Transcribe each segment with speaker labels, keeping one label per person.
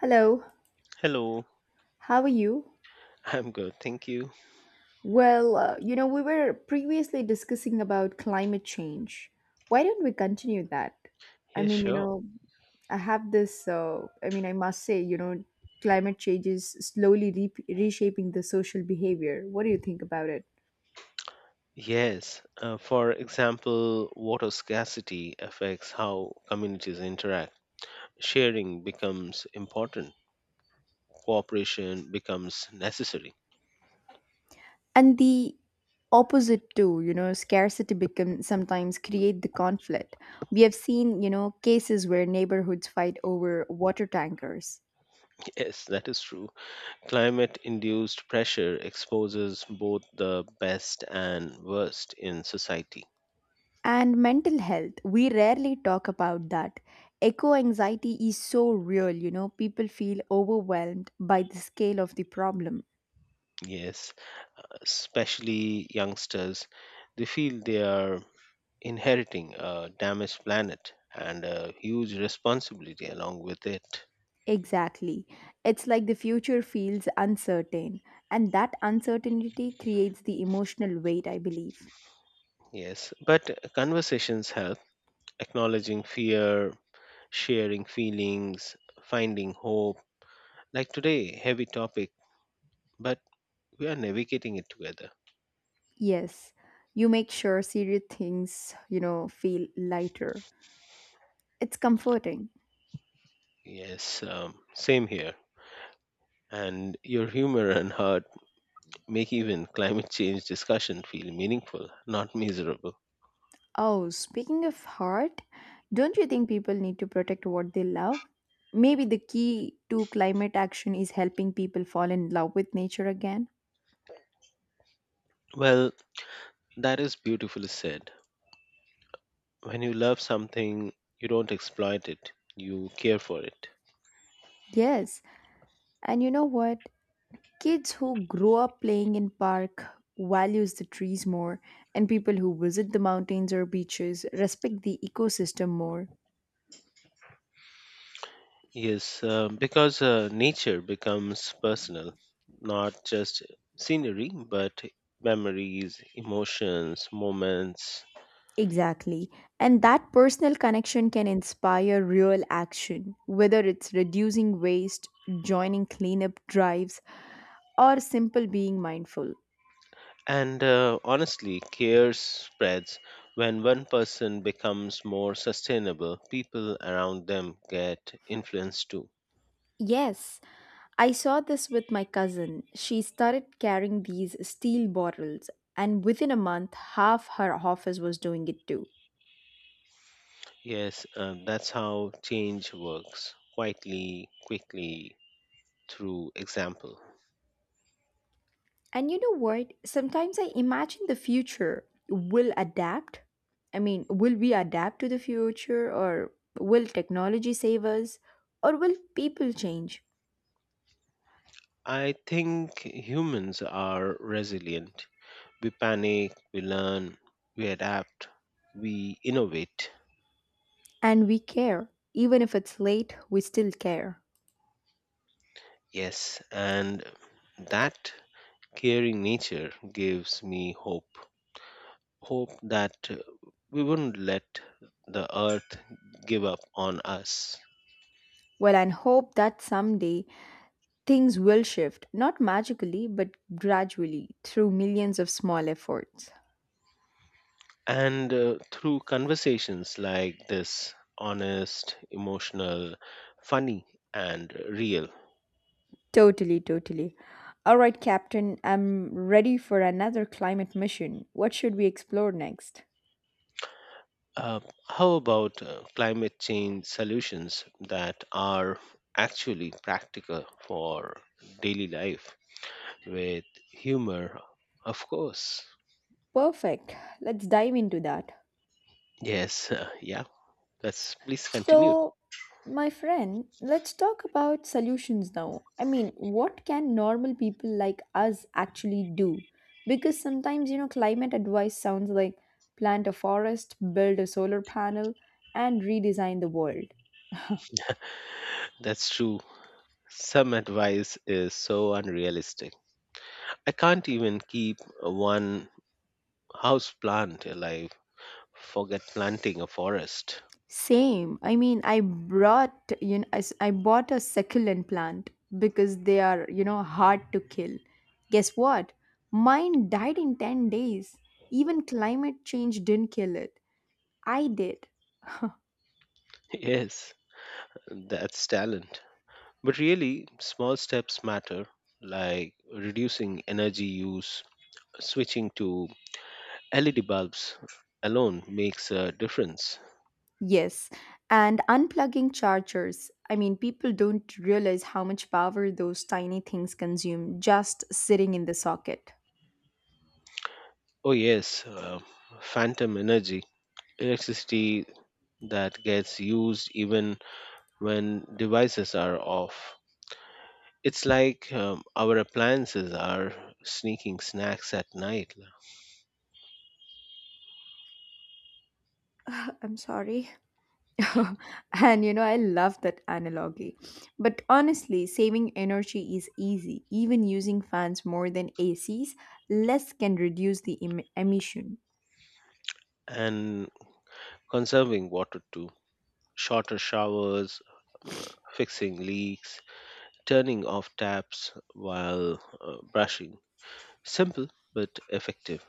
Speaker 1: Hello,
Speaker 2: Hello,
Speaker 1: how are you?
Speaker 2: I'm good, thank you.
Speaker 1: Well, we were previously discussing about climate change. Why don't we continue that? I
Speaker 2: Yeah,
Speaker 1: mean, you
Speaker 2: sure.
Speaker 1: know, I have this, I mean, I must say, climate change is slowly reshaping the social behavior. What do you think about it?
Speaker 2: Yes, for example, water scarcity affects how communities interact. Sharing becomes important, cooperation becomes necessary.
Speaker 1: And the opposite too, you know, scarcity become sometimes create the conflict. We have seen, you know, cases where neighborhoods fight over water tankers.
Speaker 2: Yes, that is true. Climate induced pressure exposes both the best and worst in society.
Speaker 1: And mental health, we rarely talk about that. Echo anxiety is so real, you know, people feel overwhelmed by the scale of the problem.
Speaker 2: Yes, especially youngsters, they feel they are inheriting a damaged planet and a huge responsibility along with it.
Speaker 1: Exactly. It's like the future feels uncertain, and that uncertainty creates the emotional weight, I believe.
Speaker 2: Yes, but conversations help acknowledging fear, sharing feelings, finding hope. Like today, heavy topic, but we are navigating it together.
Speaker 1: Yes, you make sure serious things, feel lighter. It's comforting.
Speaker 2: Yes, same here. And your humor and heart make even climate change discussion feel meaningful, not miserable.
Speaker 1: Oh, speaking of heart, don't you think people need to protect what they love? Maybe the key to climate action is helping people fall in love with nature again.
Speaker 2: Well, that is beautifully said. When you love something, you don't exploit it, you care for it.
Speaker 1: Yes, and you know what? Kids who grow up playing in park values the trees more, and people who visit the mountains or beaches respect the ecosystem more.
Speaker 2: Yes, because nature becomes personal, not just scenery, but memories, emotions, moments.
Speaker 1: Exactly. And that personal connection can inspire real action, whether it's reducing waste, joining cleanup drives, or simple being mindful.
Speaker 2: And Honestly, care spreads. When one person becomes more sustainable, people around them get influenced too.
Speaker 1: Yes, I saw this with my cousin. She started carrying these steel bottles, and within a month, half her office was doing it too.
Speaker 2: Yes, that's how change works quietly, quickly, through example.
Speaker 1: And you know what? Sometimes I imagine the future will adapt. I mean, will we adapt to the future, or will technology save us, or will people change?
Speaker 2: I think humans are resilient. We panic, we learn, we adapt, we innovate.
Speaker 1: And we care. Even if it's late, we still care.
Speaker 2: Yes, and that caring nature gives me hope. Hope that we wouldn't let the earth give up on us.
Speaker 1: Well, and hope that someday things will shift, not magically, but gradually through millions of small efforts.
Speaker 2: And Through conversations like this, honest, emotional, funny, and real,
Speaker 1: Totally, totally. All right, Captain, I'm ready for another climate mission. What should we explore next?
Speaker 2: Uh, how about climate change solutions that are actually practical for daily life with humor? Of course.
Speaker 1: Perfect. Let's dive into that.
Speaker 2: Yes, yeah. That's Please continue.
Speaker 1: So, my friend, let's talk about solutions now. I mean, what can normal people like us actually do? Because sometimes, you know, climate advice sounds like plant a forest, build a solar panel, and redesign the world.
Speaker 2: That's true. Some advice is so unrealistic. I can't even keep one house plant alive. Forget planting a forest.
Speaker 1: Same. I mean, I brought, I bought a succulent plant because they are, you know, hard to kill. Guess what? Mine died in 10 days. Even climate change didn't kill it. I did.
Speaker 2: Yes, that's talent. But really, small steps matter, like reducing energy use, switching to LED bulbs alone makes a difference.
Speaker 1: Yes. And unplugging chargers. I mean, people don't realize how much power those tiny things consume just sitting in the socket.
Speaker 2: Oh, yes, phantom energy, electricity that gets used even when devices are off. It's like our appliances are sneaking snacks at night,
Speaker 1: I'm sorry. And you know, I love that analogy. But honestly, saving energy is easy. Even using fans more than ACs, less can reduce the emission.
Speaker 2: and conserving water too. Shorter showers, um, fixing leaks, turning off taps while brushing. Simple but effective.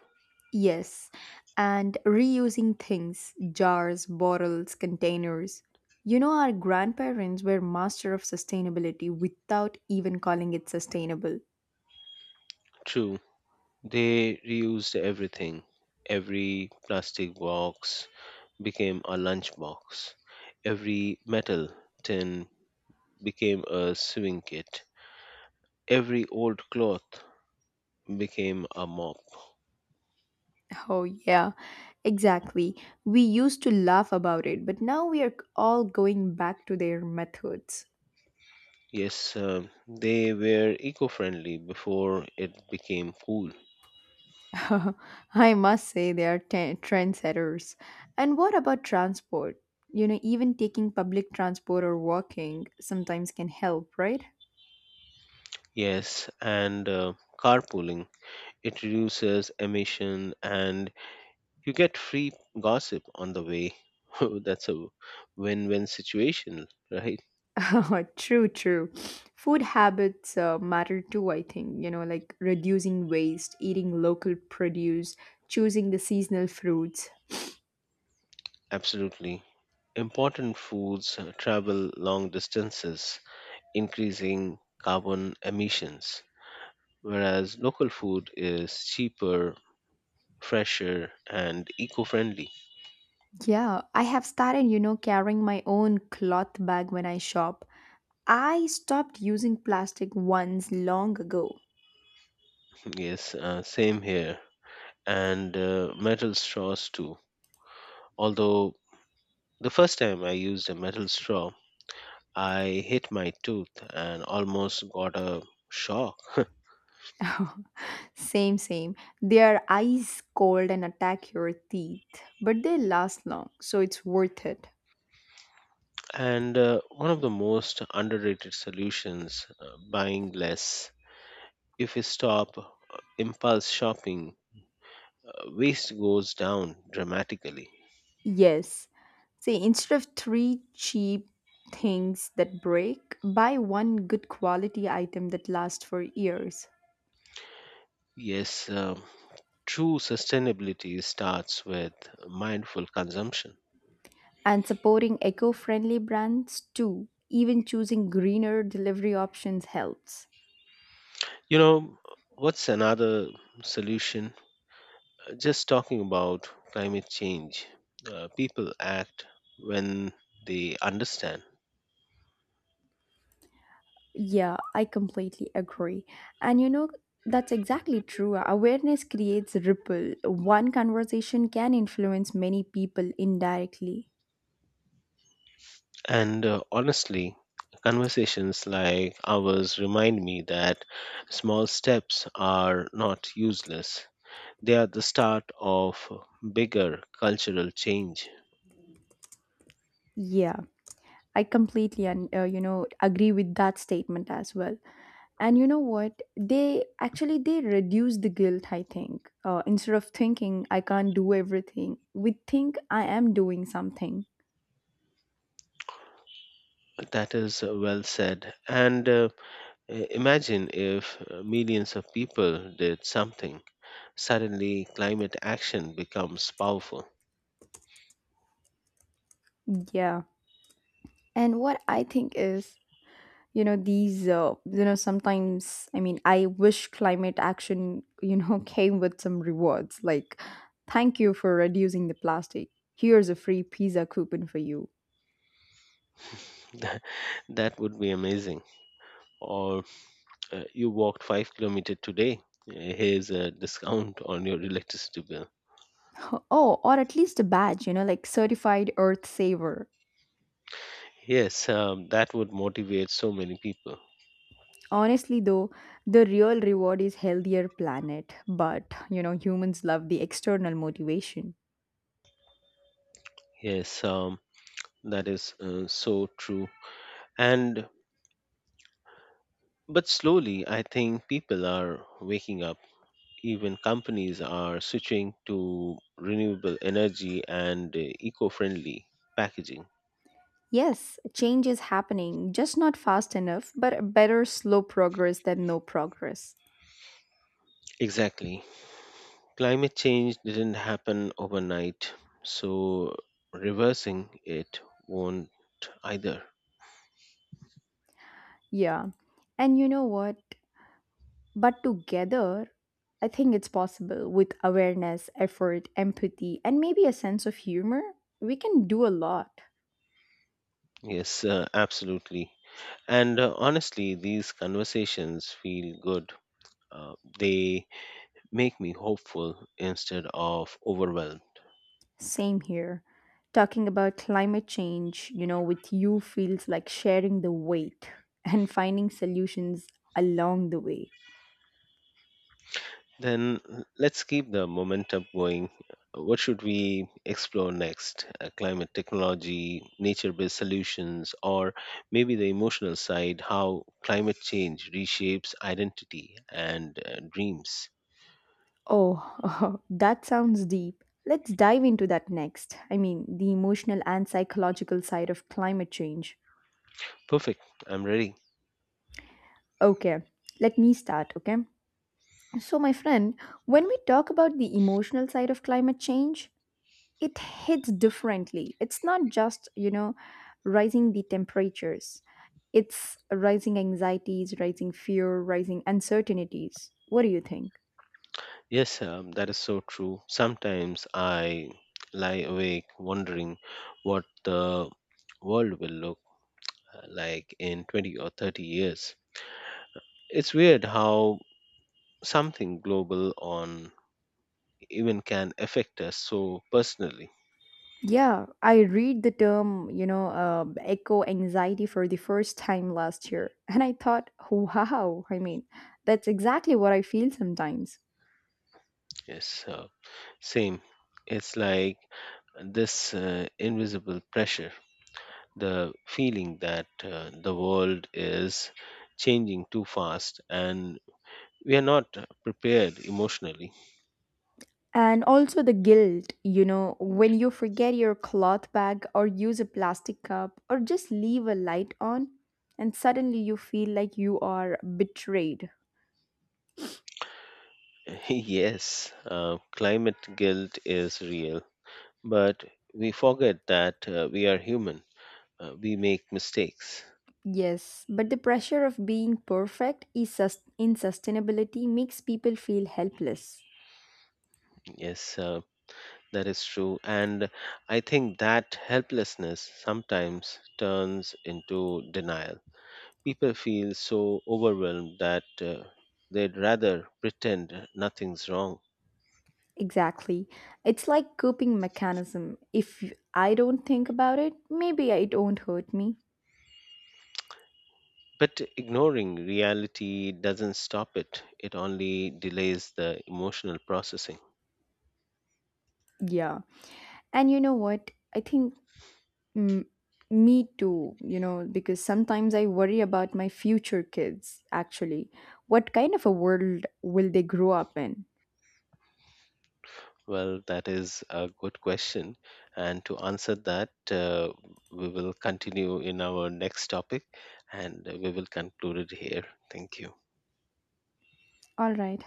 Speaker 1: Yes, and reusing things, jars, bottles, containers. You know, our grandparents were master of sustainability without even calling it sustainable.
Speaker 2: True, they reused everything. Every plastic box became a lunchbox. Every metal tin became a sewing kit. Every old cloth became a mop.
Speaker 1: Oh, yeah, exactly. We used to laugh about it, but now we are all going back to their methods.
Speaker 2: Yes, they were eco friendly before it became cool.
Speaker 1: I must say they are trendsetters. And what about transport? You know, even taking public transport or walking sometimes can help, right?
Speaker 2: Yes, and carpooling. It reduces emission, and you get free gossip on the way. Oh, that's a win win situation, right?
Speaker 1: True, true. Food habits matter too, I think. You know, like reducing waste, eating local produce, choosing the seasonal fruits.
Speaker 2: Absolutely. Important foods travel long distances, increasing carbon emissions, whereas local food is cheaper, fresher, and eco friendly.
Speaker 1: Yeah, I have started, you know, carrying my own cloth bag when I shop. I stopped using plastic once long ago.
Speaker 2: Yes, same here. And metal straws too. Although the first time I used a metal straw, I hit my tooth and almost got a shock.
Speaker 1: Same, same. They are ice cold and attack your teeth, but they last long, so it's worth it.
Speaker 2: And one of the most underrated solutions, buying less. If we stop impulse shopping, waste goes down dramatically.
Speaker 1: Yes. See, instead of three cheap things that break, buy one good quality item that lasts for years.
Speaker 2: Yes, true sustainability starts with mindful consumption.
Speaker 1: And supporting eco friendly brands too. Even choosing greener delivery options helps.
Speaker 2: You know, what's another solution? Just talking about climate change. People act when they understand.
Speaker 1: Yeah, I completely agree. And you know, that's exactly true. Awareness creates ripple. One conversation can influence many people indirectly.
Speaker 2: And honestly, conversations like ours remind me that small steps are not useless. They are the start of bigger cultural change.
Speaker 1: Yeah, I completely and you know agree with that statement as well. And you know what? They reduce the guilt. I think instead of thinking I can't do everything, we think I am doing something.
Speaker 2: That is well said. And imagine if millions of people did something. Suddenly, climate action becomes powerful.
Speaker 1: Yeah. And what I think is you know these sometimes I wish climate action you know came with some rewards like thank you for reducing the plastic, here's a free pizza coupon for you.
Speaker 2: that that would be amazing. Or you walked 5 kilometers today. Here's a discount on your electricity bill.
Speaker 1: Oh, or at least a badge, you know, like certified earth saver.
Speaker 2: Yes, that would motivate so many people.
Speaker 1: Honestly though, the real reward is healthier planet, but you know humans love the external motivation.
Speaker 2: Yes, that is so true. And but slowly, I think people are waking up. Even companies are switching to renewable energy and eco-friendly packaging.
Speaker 1: Yes, change is happening, just not fast enough, but better slow progress than no progress.
Speaker 2: Exactly. Climate change didn't happen overnight, so reversing it won't either.
Speaker 1: Yeah. And you know what? But together, I think it's possible. With awareness, effort, empathy, and maybe a sense of humor, we can do a lot.
Speaker 2: Yes, absolutely. And honestly, these conversations feel good. They make me hopeful instead of overwhelmed.
Speaker 1: Same here. Talking about climate change, you know, with you feels like sharing the weight and finding solutions along the way.
Speaker 2: Then let's keep the momentum going. What should we explore next? Climate technology, nature based solutions, or maybe the emotional side, how climate change reshapes identity and dreams.
Speaker 1: Oh, that sounds deep. Let's dive into that next. I mean, the emotional and psychological side of climate change.
Speaker 2: Perfect, I'm ready.
Speaker 1: Okay, let me start, okay? So, my friend, when we talk about the emotional side of climate change, it hits differently. It's not just, you know, rising the temperatures, it's rising anxieties, rising fear, rising uncertainties. What do you think?
Speaker 2: Yes, that is so true. Sometimes I lie awake wondering what the world will look like in 20 or 30 years. It's weird how something global on even can affect us so personally.
Speaker 1: Yeah, I read the term, you know, eco anxiety for the first time last year. And I thought, wow, I mean, that's exactly what I feel sometimes.
Speaker 2: Yes, same. It's like this invisible pressure, the feeling that the world is changing too fast and we are not prepared emotionally.
Speaker 1: And also the guilt, you know, when you forget your cloth bag or use a plastic cup or just leave a light on, and suddenly you feel like you are betrayed.
Speaker 2: Yes, climate guilt is real, but we forget that we are human, we make mistakes.
Speaker 1: Yes, but the pressure of being perfect is in sustainability makes people feel helpless.
Speaker 2: Yes, that is true. And I think that helplessness sometimes turns into denial. People feel so overwhelmed that they'd rather pretend nothing's wrong.
Speaker 1: Exactly. It's like coping mechanism. If I don't think about it, maybe it won't hurt me.
Speaker 2: But ignoring reality doesn't stop it, it only delays the emotional processing.
Speaker 1: Yeah. And you know what? I think Mm, me too, you know, because sometimes I worry about my future kids, actually. What kind of a world will they grow up in?
Speaker 2: Well, that is a good question. And to answer that, we will continue in our next topic and we will conclude it here. Thank you.
Speaker 1: All right.